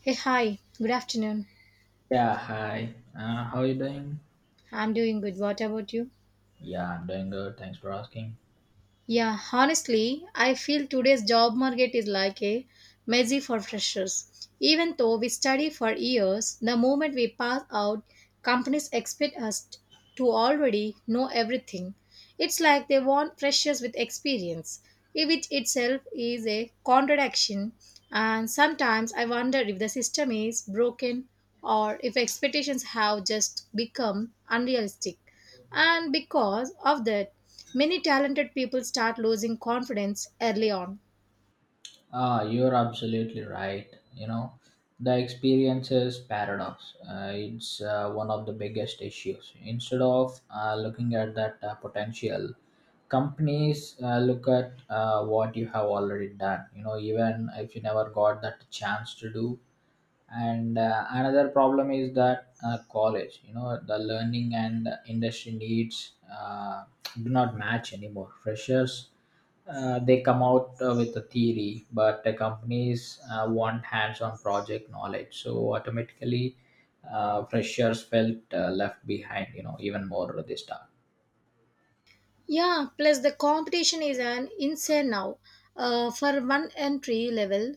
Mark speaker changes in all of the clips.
Speaker 1: Hey, hi. Good afternoon.
Speaker 2: Yeah, hi. How you doing?
Speaker 1: I'm doing good. What about you?
Speaker 2: Yeah, I'm doing good. Thanks for asking.
Speaker 1: Yeah, honestly, I feel today's job market is like a messy for freshers. Even though we study for years, the moment we pass out, companies expect us to already know everything. It's like they want freshers with experience, which itself is a contradiction. And sometimes I wonder if the system is broken or if expectations have just become unrealistic. And because of that, many talented people start losing confidence early on.
Speaker 2: You're absolutely right. You know, the experiences paradox. It's one of the biggest issues. Instead of looking at that potential, companies look at what you have already done. You know, even if you never got that chance to do. And another problem is that college, you know, the learning and industry needs do not match anymore. Freshers, they come out with a theory, but the companies want hands-on project knowledge, so automatically freshers felt left behind, you know, even more this time.
Speaker 1: Yeah, plus the competition is an insane now. For one entry level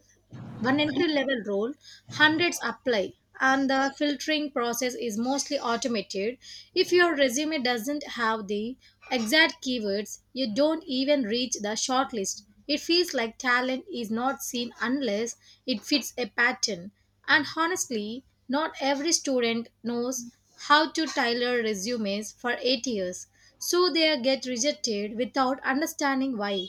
Speaker 1: one entry level role, hundreds apply, and the filtering process is mostly automated. If your resume doesn't have the exact keywords, you don't even reach the shortlist. It feels like talent is not seen unless it fits a pattern. And honestly, not every student knows how to tailor resumes for 8 years, so they get rejected without understanding why.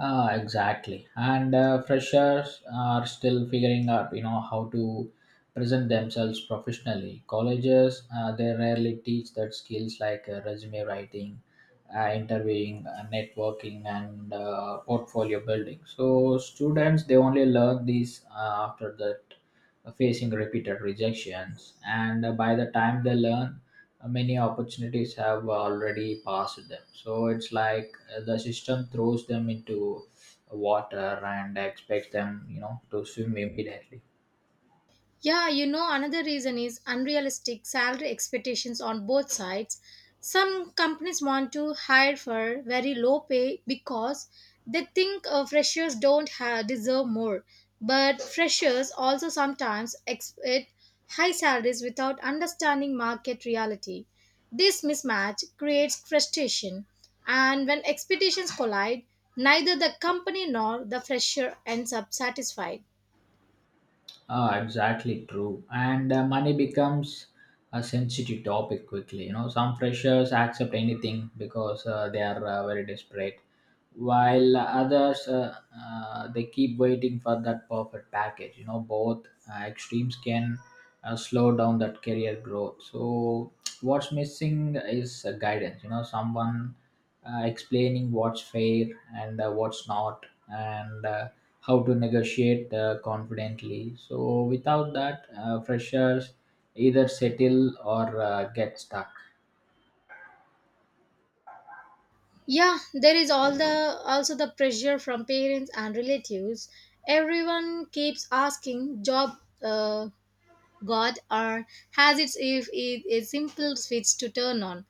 Speaker 2: Exactly. And freshers are still figuring out, you know, how to present themselves professionally. Colleges, they rarely teach that skills like resume writing, interviewing, networking, and portfolio building. So students, they only learn these after that facing repeated rejections. And by the time they learn, many opportunities have already passed them, so it's like the system throws them into water and expects them, you know, to swim immediately.
Speaker 1: Yeah, you know, another reason is unrealistic salary expectations on both sides. Some companies want to hire for very low pay because they think freshers don't deserve more. But freshers also sometimes expect high salaries without understanding market reality. This mismatch creates frustration, and when expectations collide, neither the company nor the fresher ends up satisfied.
Speaker 2: Exactly true. And money becomes a sensitive topic quickly. You know, some freshers accept anything because they are very desperate, while others they keep waiting for that perfect package. You know, both extremes can slow down that career growth. So, what's missing is guidance. You know, someone explaining what's fair and what's not, and how to negotiate confidently. So without that, freshers either settle or get stuck.
Speaker 1: Yeah, there is all the also the pressure from parents and relatives. Everyone keeps asking job God or has its if it a simple switch to turn on.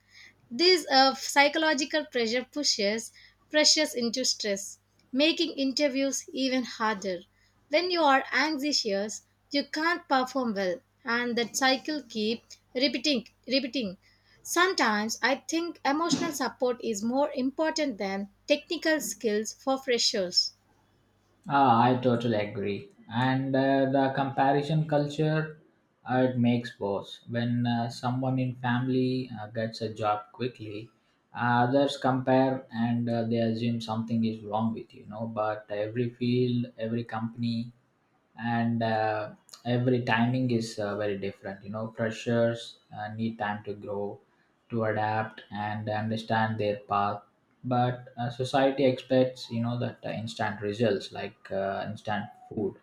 Speaker 1: This psychological pressure pushes pressures into stress, making interviews even harder. When you are anxious, you can't perform well, and that cycle keep repeating. Sometimes I think emotional support is more important than technical skills for freshers.
Speaker 2: I totally agree. And the comparison culture, it makes worse. When someone in family gets a job quickly, others compare and they assume something is wrong with you, know. But every field, every company, and every timing is very different, you know. Freshers need time to grow, to adapt and understand their path, but society expects, you know, that instant results like instant food.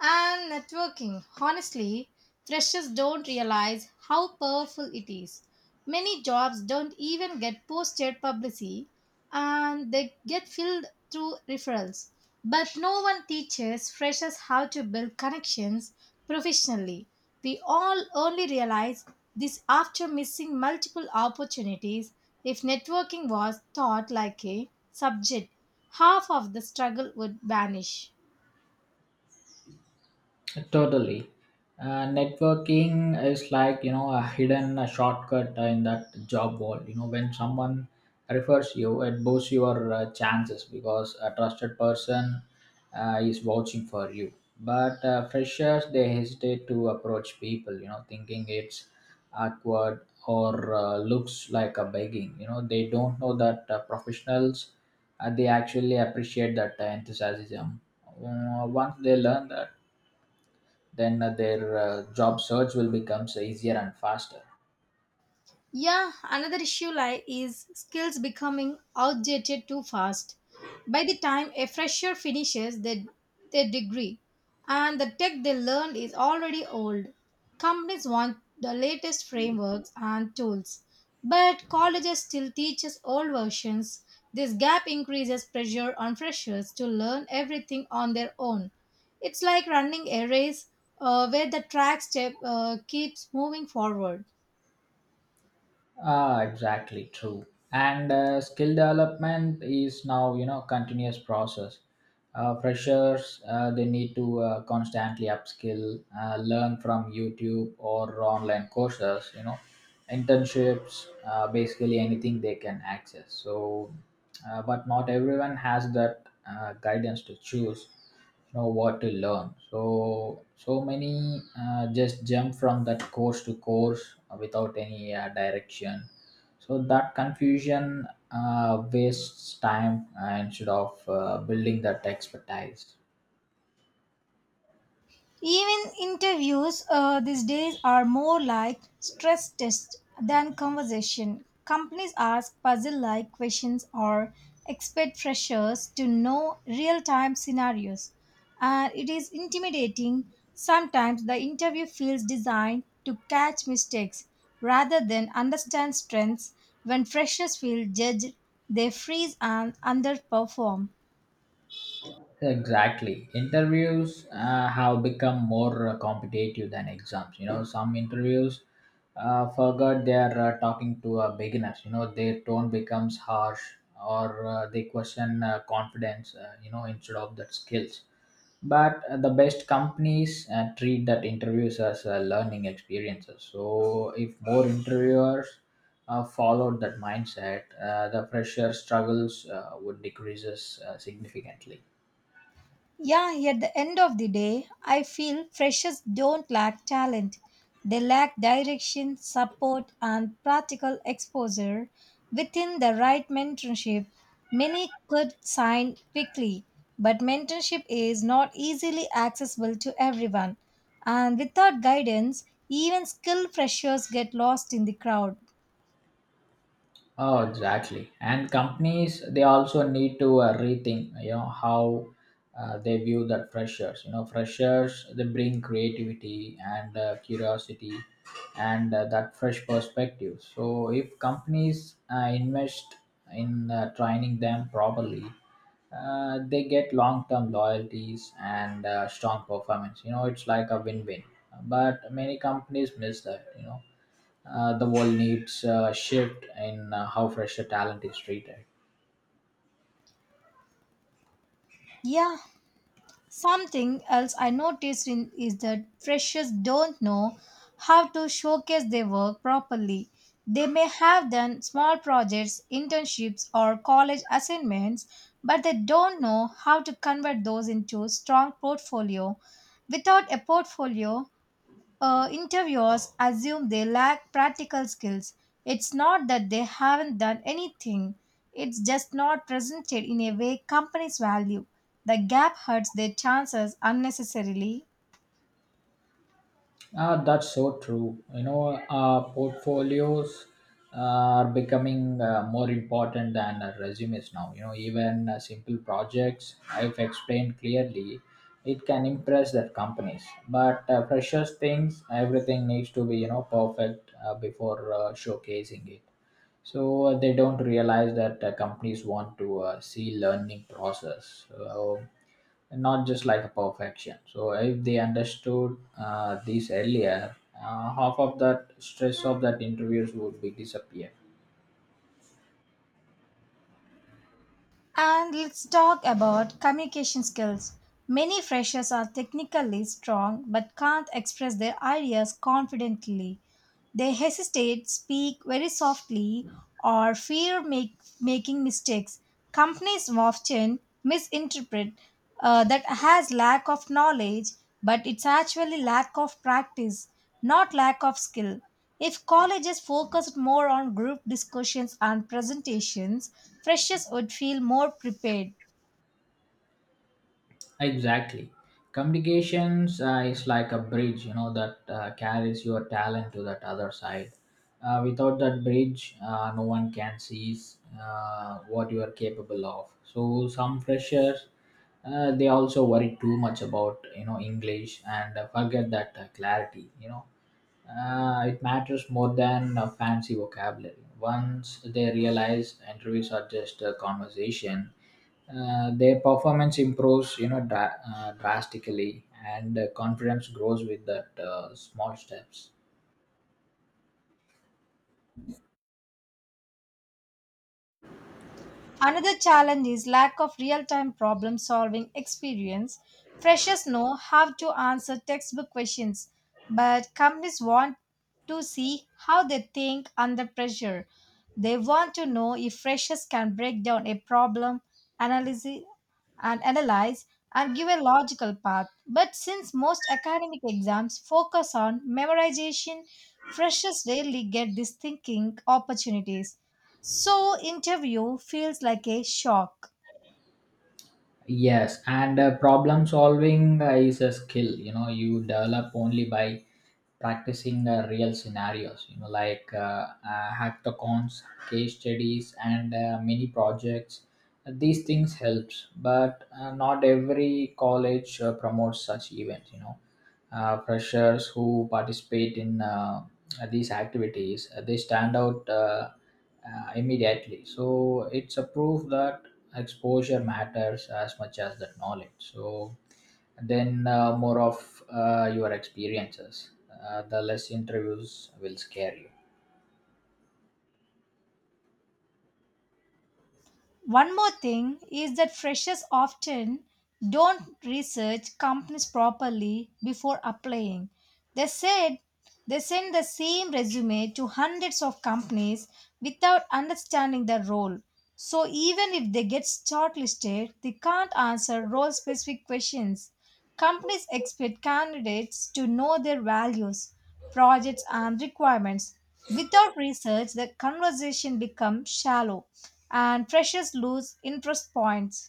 Speaker 1: And networking. Honestly, freshers don't realize how powerful it is. Many jobs don't even get posted publicly, and they get filled through referrals. But no one teaches freshers how to build connections professionally. We all only realize this after missing multiple opportunities. If networking was taught like a subject, half of the struggle would vanish.
Speaker 2: Totally. Networking is like, you know, a hidden shortcut in that job world. You know, when someone refers you, it boosts your chances because a trusted person is vouching for you. But freshers, they hesitate to approach people, you know, thinking it's awkward or looks like a begging. You know, they don't know that professionals, they actually appreciate that enthusiasm. Once they learn that, then their job search will become easier and faster.
Speaker 1: Yeah, another issue lie is skills becoming outdated too fast. By the time a fresher finishes their degree, and the tech they learned is already old, companies want the latest frameworks and tools, but colleges still teaches old versions. This gap increases pressure on freshers to learn everything on their own. It's like running a race where the track step keeps moving forward.
Speaker 2: Exactly true. And skill development is now, you know, continuous process. Uh, freshers, they need to constantly upskill, learn from youtube or online courses, you know, internships, basically anything they can access. So but not everyone has that guidance to choose, you know, what to learn, so so many just jump from that course to course without any direction. So that confusion wastes time instead of building that expertise.
Speaker 1: Even interviews these days are more like stress tests than conversation. Companies ask puzzle like questions or expect freshers to know real time scenarios. And it is intimidating. Sometimes the interview feels designed to catch mistakes rather than understand strengths. When freshers feel judged, they freeze and underperform.
Speaker 2: Exactly. Interviews have become more competitive than exams. You know, some interviews forgot they are talking to beginners. You know, their tone becomes harsh or they question confidence, you know, instead of that skills. But the best companies treat that interviews as learning experiences. So if more interviewers followed that mindset, the fresher struggles would decreases significantly.
Speaker 1: Yeah, at the end of the day, I feel freshers don't lack talent. They lack direction, support, and practical exposure. Within the right mentorship, many could sign quickly, but mentorship is not easily accessible to everyone. And without guidance, even skilled freshers get lost in the crowd.
Speaker 2: Oh, exactly. And companies, they also need to rethink, you know, how they view that freshers. You know, freshers, they bring creativity and curiosity and that fresh perspective. So if companies invest in training them properly, they get long-term loyalties and strong performance. You know, it's like a win-win. But many companies miss that. You know, the world needs a shift in how fresher talent is treated.
Speaker 1: Yeah, something else I noticed in, is that freshers don't know how to showcase their work properly. They may have done small projects, internships, or college assignments, but they don't know how to convert those into strong portfolio. Without a portfolio, interviewers assume they lack practical skills. It's not that they haven't done anything, it's just not presented in a way companies value. The gap hurts their chances unnecessarily.
Speaker 2: That's so true. You know, portfolios are becoming more important than resumes now. You know, even simple projects I've explained clearly, it can impress the companies. But freshers things, everything needs to be, you know, perfect before showcasing it. So they don't realize that companies want to see learning process. So and not just like a perfection. So if they understood this earlier, half of that stress of that interviews would be disappear.
Speaker 1: And let's talk about communication skills. Many freshers are technically strong but can't express their ideas confidently. They hesitate, speak very softly, or fear making mistakes. Companies often misinterpret that has lack of knowledge, but it's actually lack of practice, not lack of skill. If colleges focused more on group discussions and presentations, freshers would feel more prepared.
Speaker 2: Exactly. Communications is like a bridge, you know, that carries your talent to that other side. Without that bridge, no one can see what you are capable of. So some freshers, they also worry too much about, you know, English and forget that clarity. You know, it matters more than fancy vocabulary. Once they realize interviews are just a conversation, their performance improves, you know, drastically, and confidence grows with that small steps.
Speaker 1: Another challenge is lack of real-time problem-solving experience. Freshers know how to answer textbook questions, but companies want to see how they think under pressure. They want to know if freshers can break down a problem, analyze analyze, and give a logical path. But since most academic exams focus on memorization, freshers rarely get these thinking opportunities. So interview feels like a shock.
Speaker 2: Yes, and problem solving is a skill, you know, you develop only by practicing real scenarios, you know, like hackathons, case studies, and mini projects. These things helps, but not every college promotes such events, you know. Freshers who participate in these activities they stand out immediately, so it's a proof that exposure matters as much as the knowledge. So then more of your experiences, the less interviews will scare you.
Speaker 1: One more thing is that freshers often don't research companies properly before applying. They said they send the same resume to hundreds of companies without understanding the role. So even if they get shortlisted, they can't answer role specific questions. Companies expect candidates to know their values, projects, and requirements. Without research, the conversation becomes shallow and freshers lose interest points.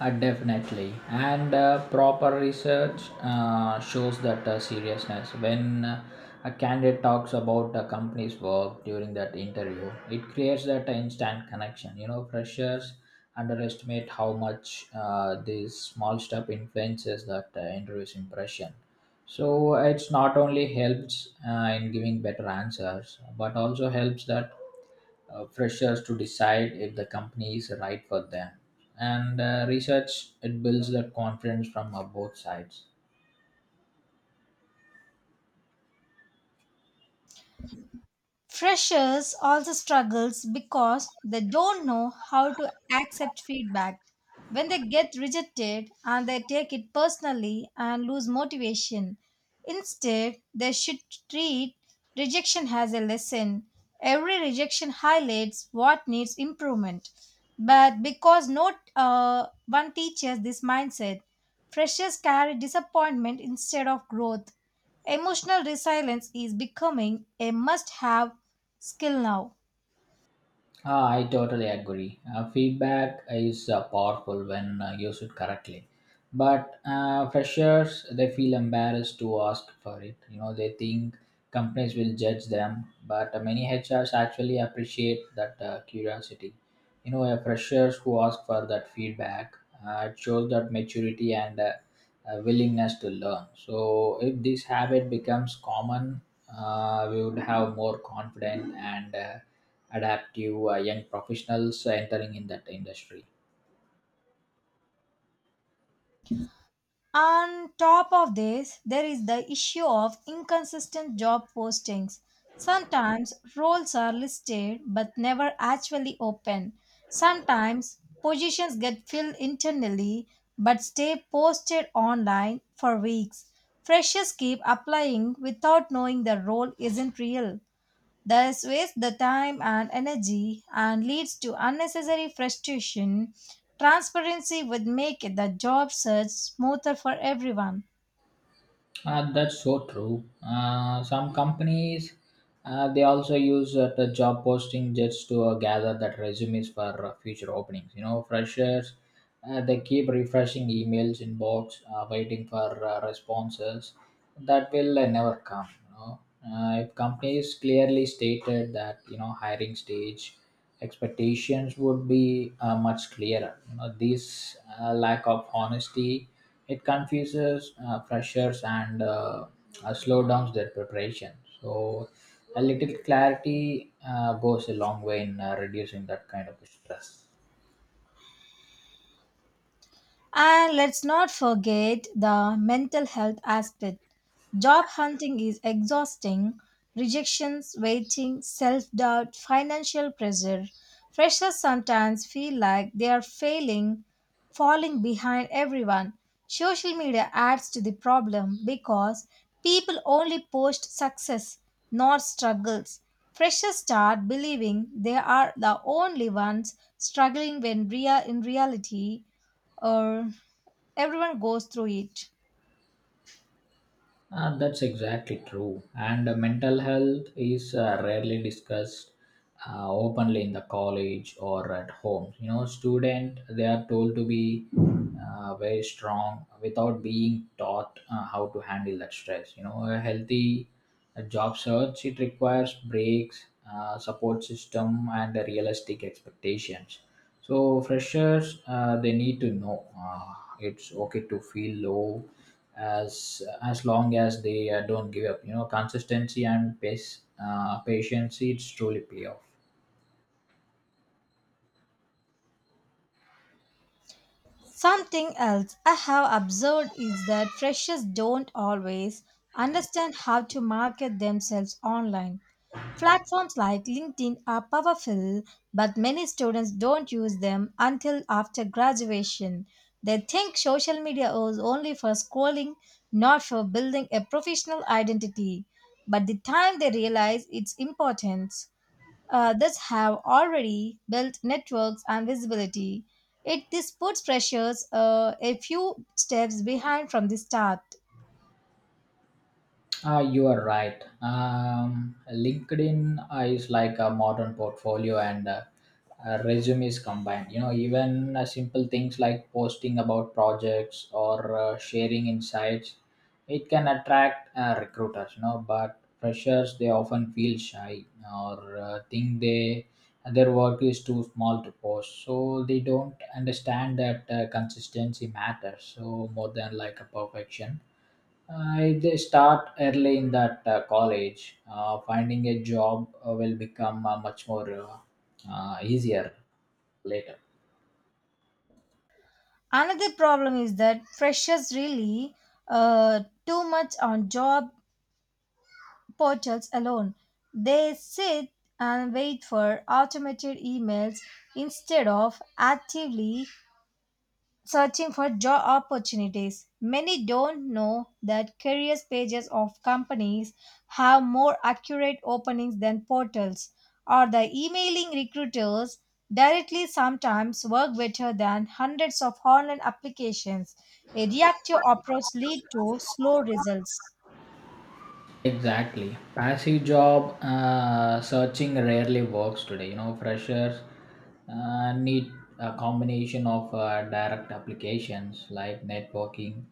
Speaker 2: Definitely, and proper research shows that seriousness. When a candidate talks about a company's work during that interview, it creates that instant connection. You know, freshers underestimate how much this small step influences that interview's impression. So it's not only helps in giving better answers, but also helps that freshers to decide if the company is right for them. And research, it builds that confidence from both sides.
Speaker 1: Freshers also struggles because they don't know how to accept feedback when they get rejected, and they take it personally and lose motivation. Instead, they should treat rejection as a lesson. Every rejection highlights what needs improvement. But because not one teaches this mindset, freshers carry disappointment instead of growth. Emotional resilience is becoming a must have skill now.
Speaker 2: I totally agree. Feedback is powerful when used correctly. But freshers, they feel embarrassed to ask for it. You know, they think companies will judge them. But many HRs actually appreciate that curiosity. You know, freshers who ask for that feedback, it shows that maturity and willingness to learn. So, if this habit becomes common, we would have more confident and adaptive young professionals entering in that industry.
Speaker 1: On top of this, there is the issue of inconsistent job postings. Sometimes roles are listed but never actually open. Sometimes positions get filled internally but stay posted online for weeks. Freshers keep applying without knowing the role isn't real. This wastes the time and energy and leads to unnecessary frustration. Transparency would make the job search smoother for everyone.
Speaker 2: That's so true. Some companies they also use the job posting just to gather that resumes for future openings. You know, freshers they keep refreshing emails inbox, waiting for responses that will never come. You know, if companies clearly stated that, you know, hiring stage expectations would be much clearer. You know, this lack of honesty, it confuses freshers and slow downs their preparation. So a little clarity goes a long way in reducing that kind of stress.
Speaker 1: And let's not forget the mental health aspect. Job hunting is exhausting. Rejections, waiting, self doubt, financial pressure. Freshers sometimes feel like they are failing, falling behind everyone. Social media adds to the problem because people only post success, not struggles. Freshers start believing they are the only ones struggling when real in reality or everyone goes through it.
Speaker 2: That's exactly true. And mental health is rarely discussed openly in the college or at home. You know, student, they are told to be very strong without being taught how to handle that stress. You know, a healthy a job search, it requires breaks, support system, and the realistic expectations. So freshers they need to know it's okay to feel low as long as they don't give up. You know, consistency and pace, patience, it's truly pay off.
Speaker 1: Something else I have observed is that freshers don't always understand how to market themselves online. Platforms like LinkedIn are powerful, but many students don't use them until after graduation. They think social media is only for scrolling, not for building a professional identity. But the time they realize its importance, that have already built networks and visibility. It this puts freshers a few steps behind from the start.
Speaker 2: You are right. LinkedIn is like a modern portfolio and resumes combined. You know, even simple things like posting about projects or sharing insights, it can attract recruiters. You know, but freshers, they often feel shy or think they their work is too small to post, so they don't understand that consistency matters so more than like a perfection. I they start early in that college, finding a job will become much more easier later.
Speaker 1: Another problem is that freshers really uh, too much on job portals alone. They sit and wait for automated emails instead of actively searching for job opportunities. Many don't know that careers pages of companies have more accurate openings than portals, or the emailing recruiters directly sometimes work better than hundreds of online applications. A reactive approach leads to slow results.
Speaker 2: Exactly. Passive job searching rarely works today. You know, freshers need a combination of direct applications like networking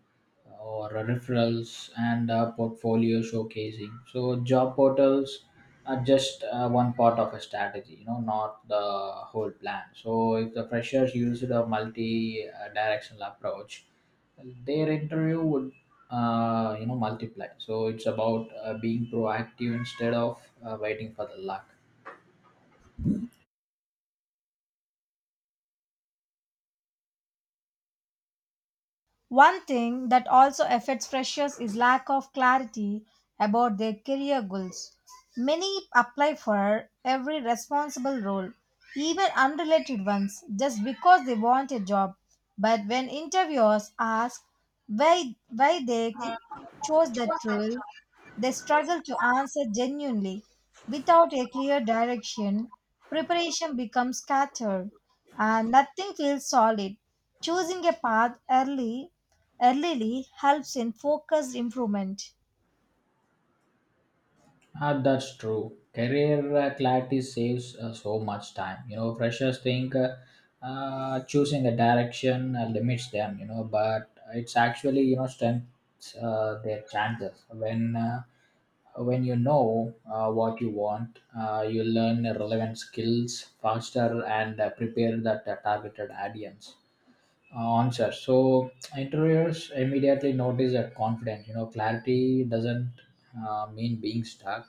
Speaker 2: or referrals and portfolio showcasing. So, job portals are just one part of a strategy, you know, not the whole plan. So, if the freshers used a multi directional approach, their interview would you know multiply, so it's about being proactive instead of waiting for the luck.
Speaker 1: One thing that also affects freshers is lack of clarity about their career goals. Many apply for every responsible role, even unrelated ones, just because they want a job. But when interviewers ask why chose that role, they struggle to answer genuinely. Without a clear direction, preparation becomes scattered and nothing feels solid. Choosing a path early helps in focused improvement.
Speaker 2: That's true. Career clarity saves so much time. You know, freshers think choosing a direction limits them. You know, but it's actually, you know, strengthens their chances. When you know what you want, you learn relevant skills faster and prepare that targeted audience. Answer. So interviewers immediately notice that confidence. You know, clarity doesn't mean being stuck.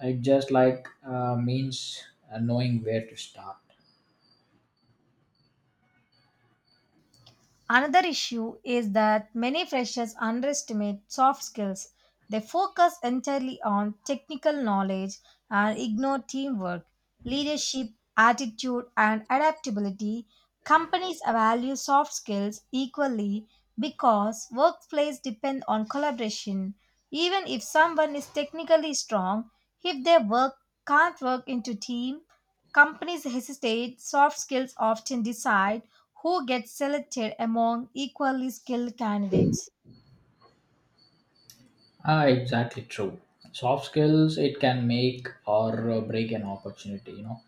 Speaker 2: It just like means knowing where to start.
Speaker 1: Another issue is that many freshers underestimate soft skills. They focus entirely on technical knowledge and ignore teamwork, leadership, attitude, and adaptability. Companies value soft skills equally because workplaces depend on collaboration. Even if someone is technically strong, if their work can't work into team, companies hesitate. Soft skills often decide who gets selected among equally skilled candidates.
Speaker 2: Ah, exactly true. Soft skills it can make or break an opportunity. You know,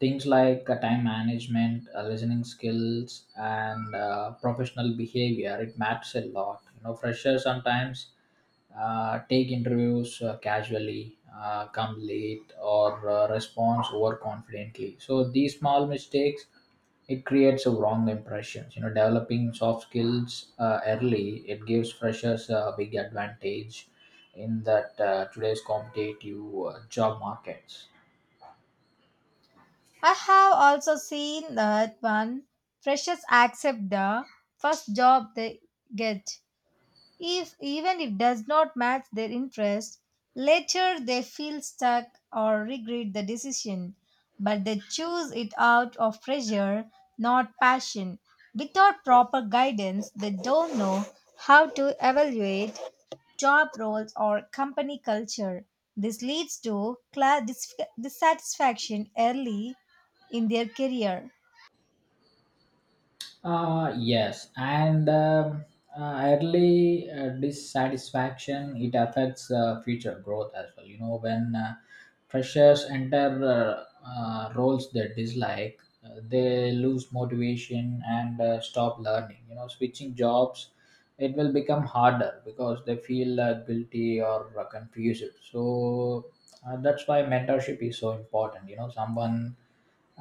Speaker 2: Things like time management, listening skills, and professional behavior, it matters a lot. You know, freshers sometimes take interviews casually, come late, or respond overconfidently. So these small mistakes it creates a wrong impressions. You know, developing soft skills early it gives freshers a big advantage in that today's competitive job markets.
Speaker 1: I have also seen that when freshers accept the first job they get, if even if does not match their interest, later they feel stuck or regret the decision. But they choose it out of pressure, not passion. Without proper guidance, they don't know how to evaluate job roles, or company culture. This leads to dissatisfaction early in their career.
Speaker 2: Yes, and early dissatisfaction it affects future growth as well. You know, when freshers enter roles they dislike, they lose motivation and stop learning. You know, switching jobs it will become harder because they feel guilty or confused. So that's why mentorship is so important. You know someone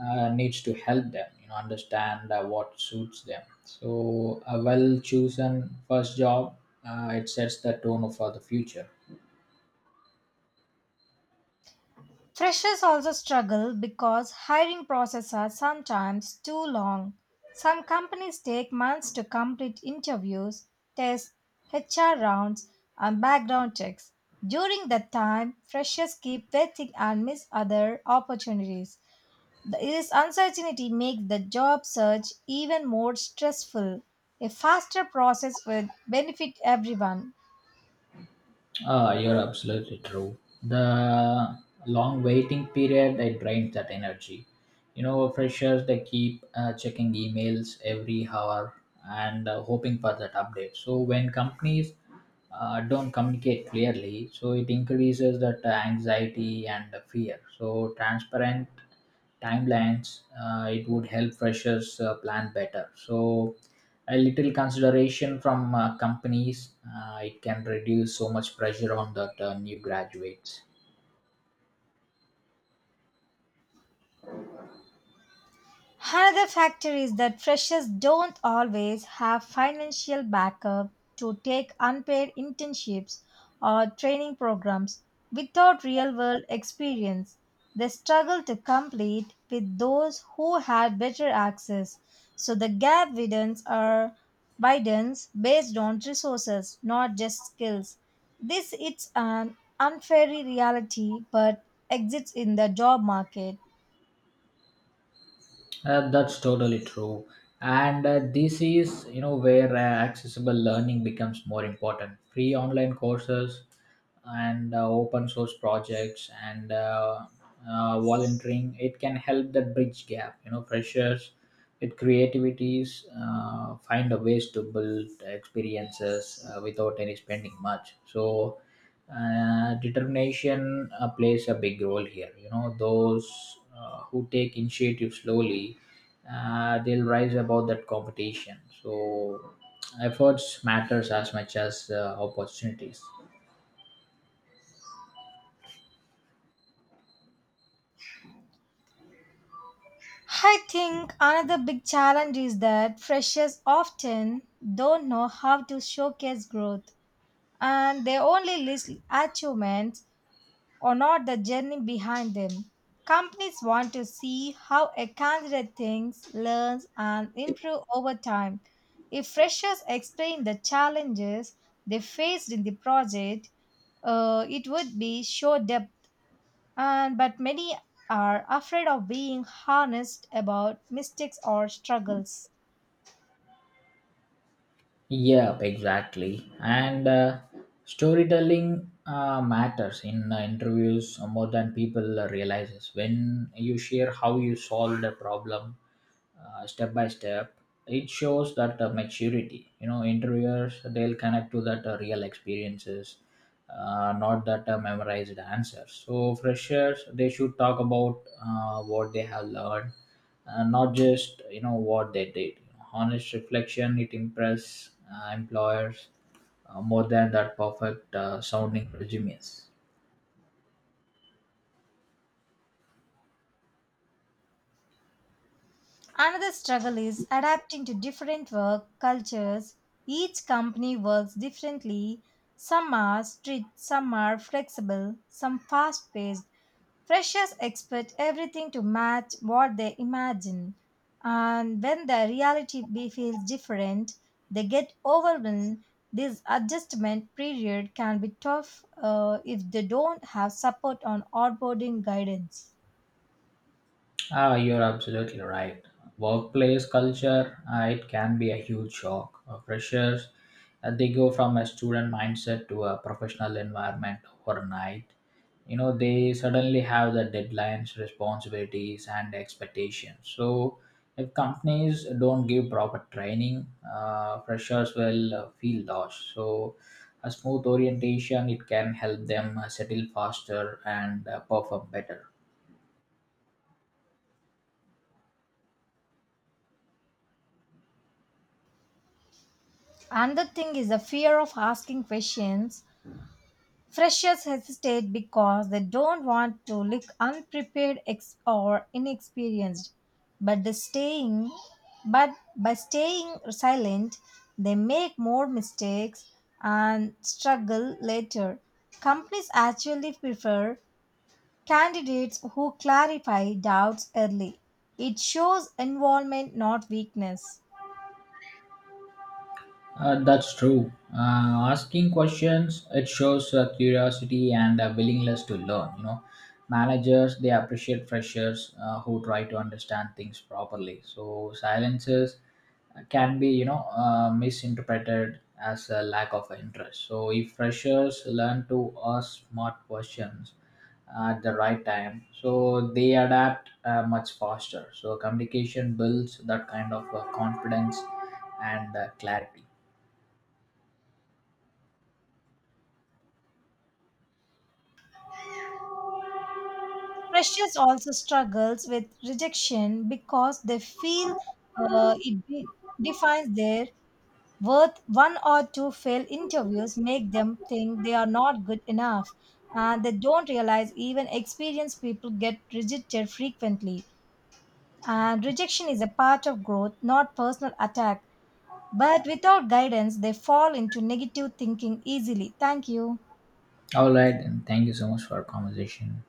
Speaker 2: needs to help them you know understand what suits them. So a well chosen first job, it sets the tone for the future.
Speaker 1: Freshers also struggle because hiring processes are sometimes too long. Some companies take months to complete interviews, tests, HR rounds, and background checks. During that time, freshers keep waiting and miss other opportunities. This uncertainty makes the job search even more stressful. A faster process would benefit everyone.
Speaker 2: Ah, you're absolutely true. The long waiting period it drains that energy. You know, freshers they keep checking emails every hour and hoping for that update. So when companies don't communicate clearly, so it increases that anxiety and fear. So transparent timelines, it would help freshers plan better. So a little consideration from companies, it can reduce so much pressure on that new graduates.
Speaker 1: Another factor is that freshers don't always have financial backup to take unpaid internships or training programs without real world experience. They struggle to compete with those who had better access. So the gap widens or widens based on resources, not just skills. This is an unfair reality but exists in the job market.
Speaker 2: That's totally true. And this is, you know, where accessible learning becomes more important. Free online courses and open source projects and volunteering it can help that bridge gap. You know freshers with creativities find a ways to build experiences without any spending much. So determination plays a big role here. You know those who take initiative slowly, they'll rise above that competition. So efforts matters as much as opportunities.
Speaker 1: I think another big challenge is that freshers often don't know how to showcase growth, and they only list achievements or not the journey behind them. Companies want to see how a candidate thinks, learns, and improves over time. If freshers explain the challenges they faced in the project, it would be show depth, and but many are afraid of being honest about mistakes or struggles.
Speaker 2: Yep, exactly. And storytelling matters in interviews more than people realizes. When you share how you solved a problem step by step, it shows that maturity. You know, interviewers they'll connect to that real experiences, not that memorized answers. So freshers they should talk about what they have learned, not just you know what they did. Honest reflection it impress employers more than that perfect sounding resumes.
Speaker 1: Another struggle is adapting to different work cultures. Each company works differently. Some are strict, some are flexible, some fast paced. Freshers expect everything to match what they imagine, and when the reality feels different, they get overwhelmed. This adjustment period can be tough if they don't have support on onboarding guidance.
Speaker 2: Ah, you're absolutely right. Workplace culture it can be a huge shock. Freshers they go from a student mindset to a professional environment overnight. You know they suddenly have the deadlines, responsibilities, and expectations. So if companies don't give proper training, freshers will feel lost. So a smooth orientation it can help them settle faster and perform better.
Speaker 1: Another thing is the fear of asking questions. Freshers hesitate because they don't want to look unprepared or inexperienced. But by staying silent, they make more mistakes and struggle later. Companies actually prefer candidates who clarify doubts early. It shows involvement, not weakness.
Speaker 2: That's true. Asking questions it shows curiosity and a willingness to learn. You know, managers they appreciate freshers who try to understand things properly. So silences can be you know misinterpreted as a lack of interest. So if freshers learn to ask smart questions at the right time, so they adapt much faster. So communication builds that kind of confidence and clarity.
Speaker 1: Freshers also struggles with rejection because they feel uh, it de- defines their worth. One or two failed interviews make them think they are not good enough, and they don't realize even experienced people get rejected frequently. And rejection is a part of growth, not personal attack. But without guidance, they fall into negative thinking easily. Thank you.
Speaker 2: All right, and thank you so much for our conversation.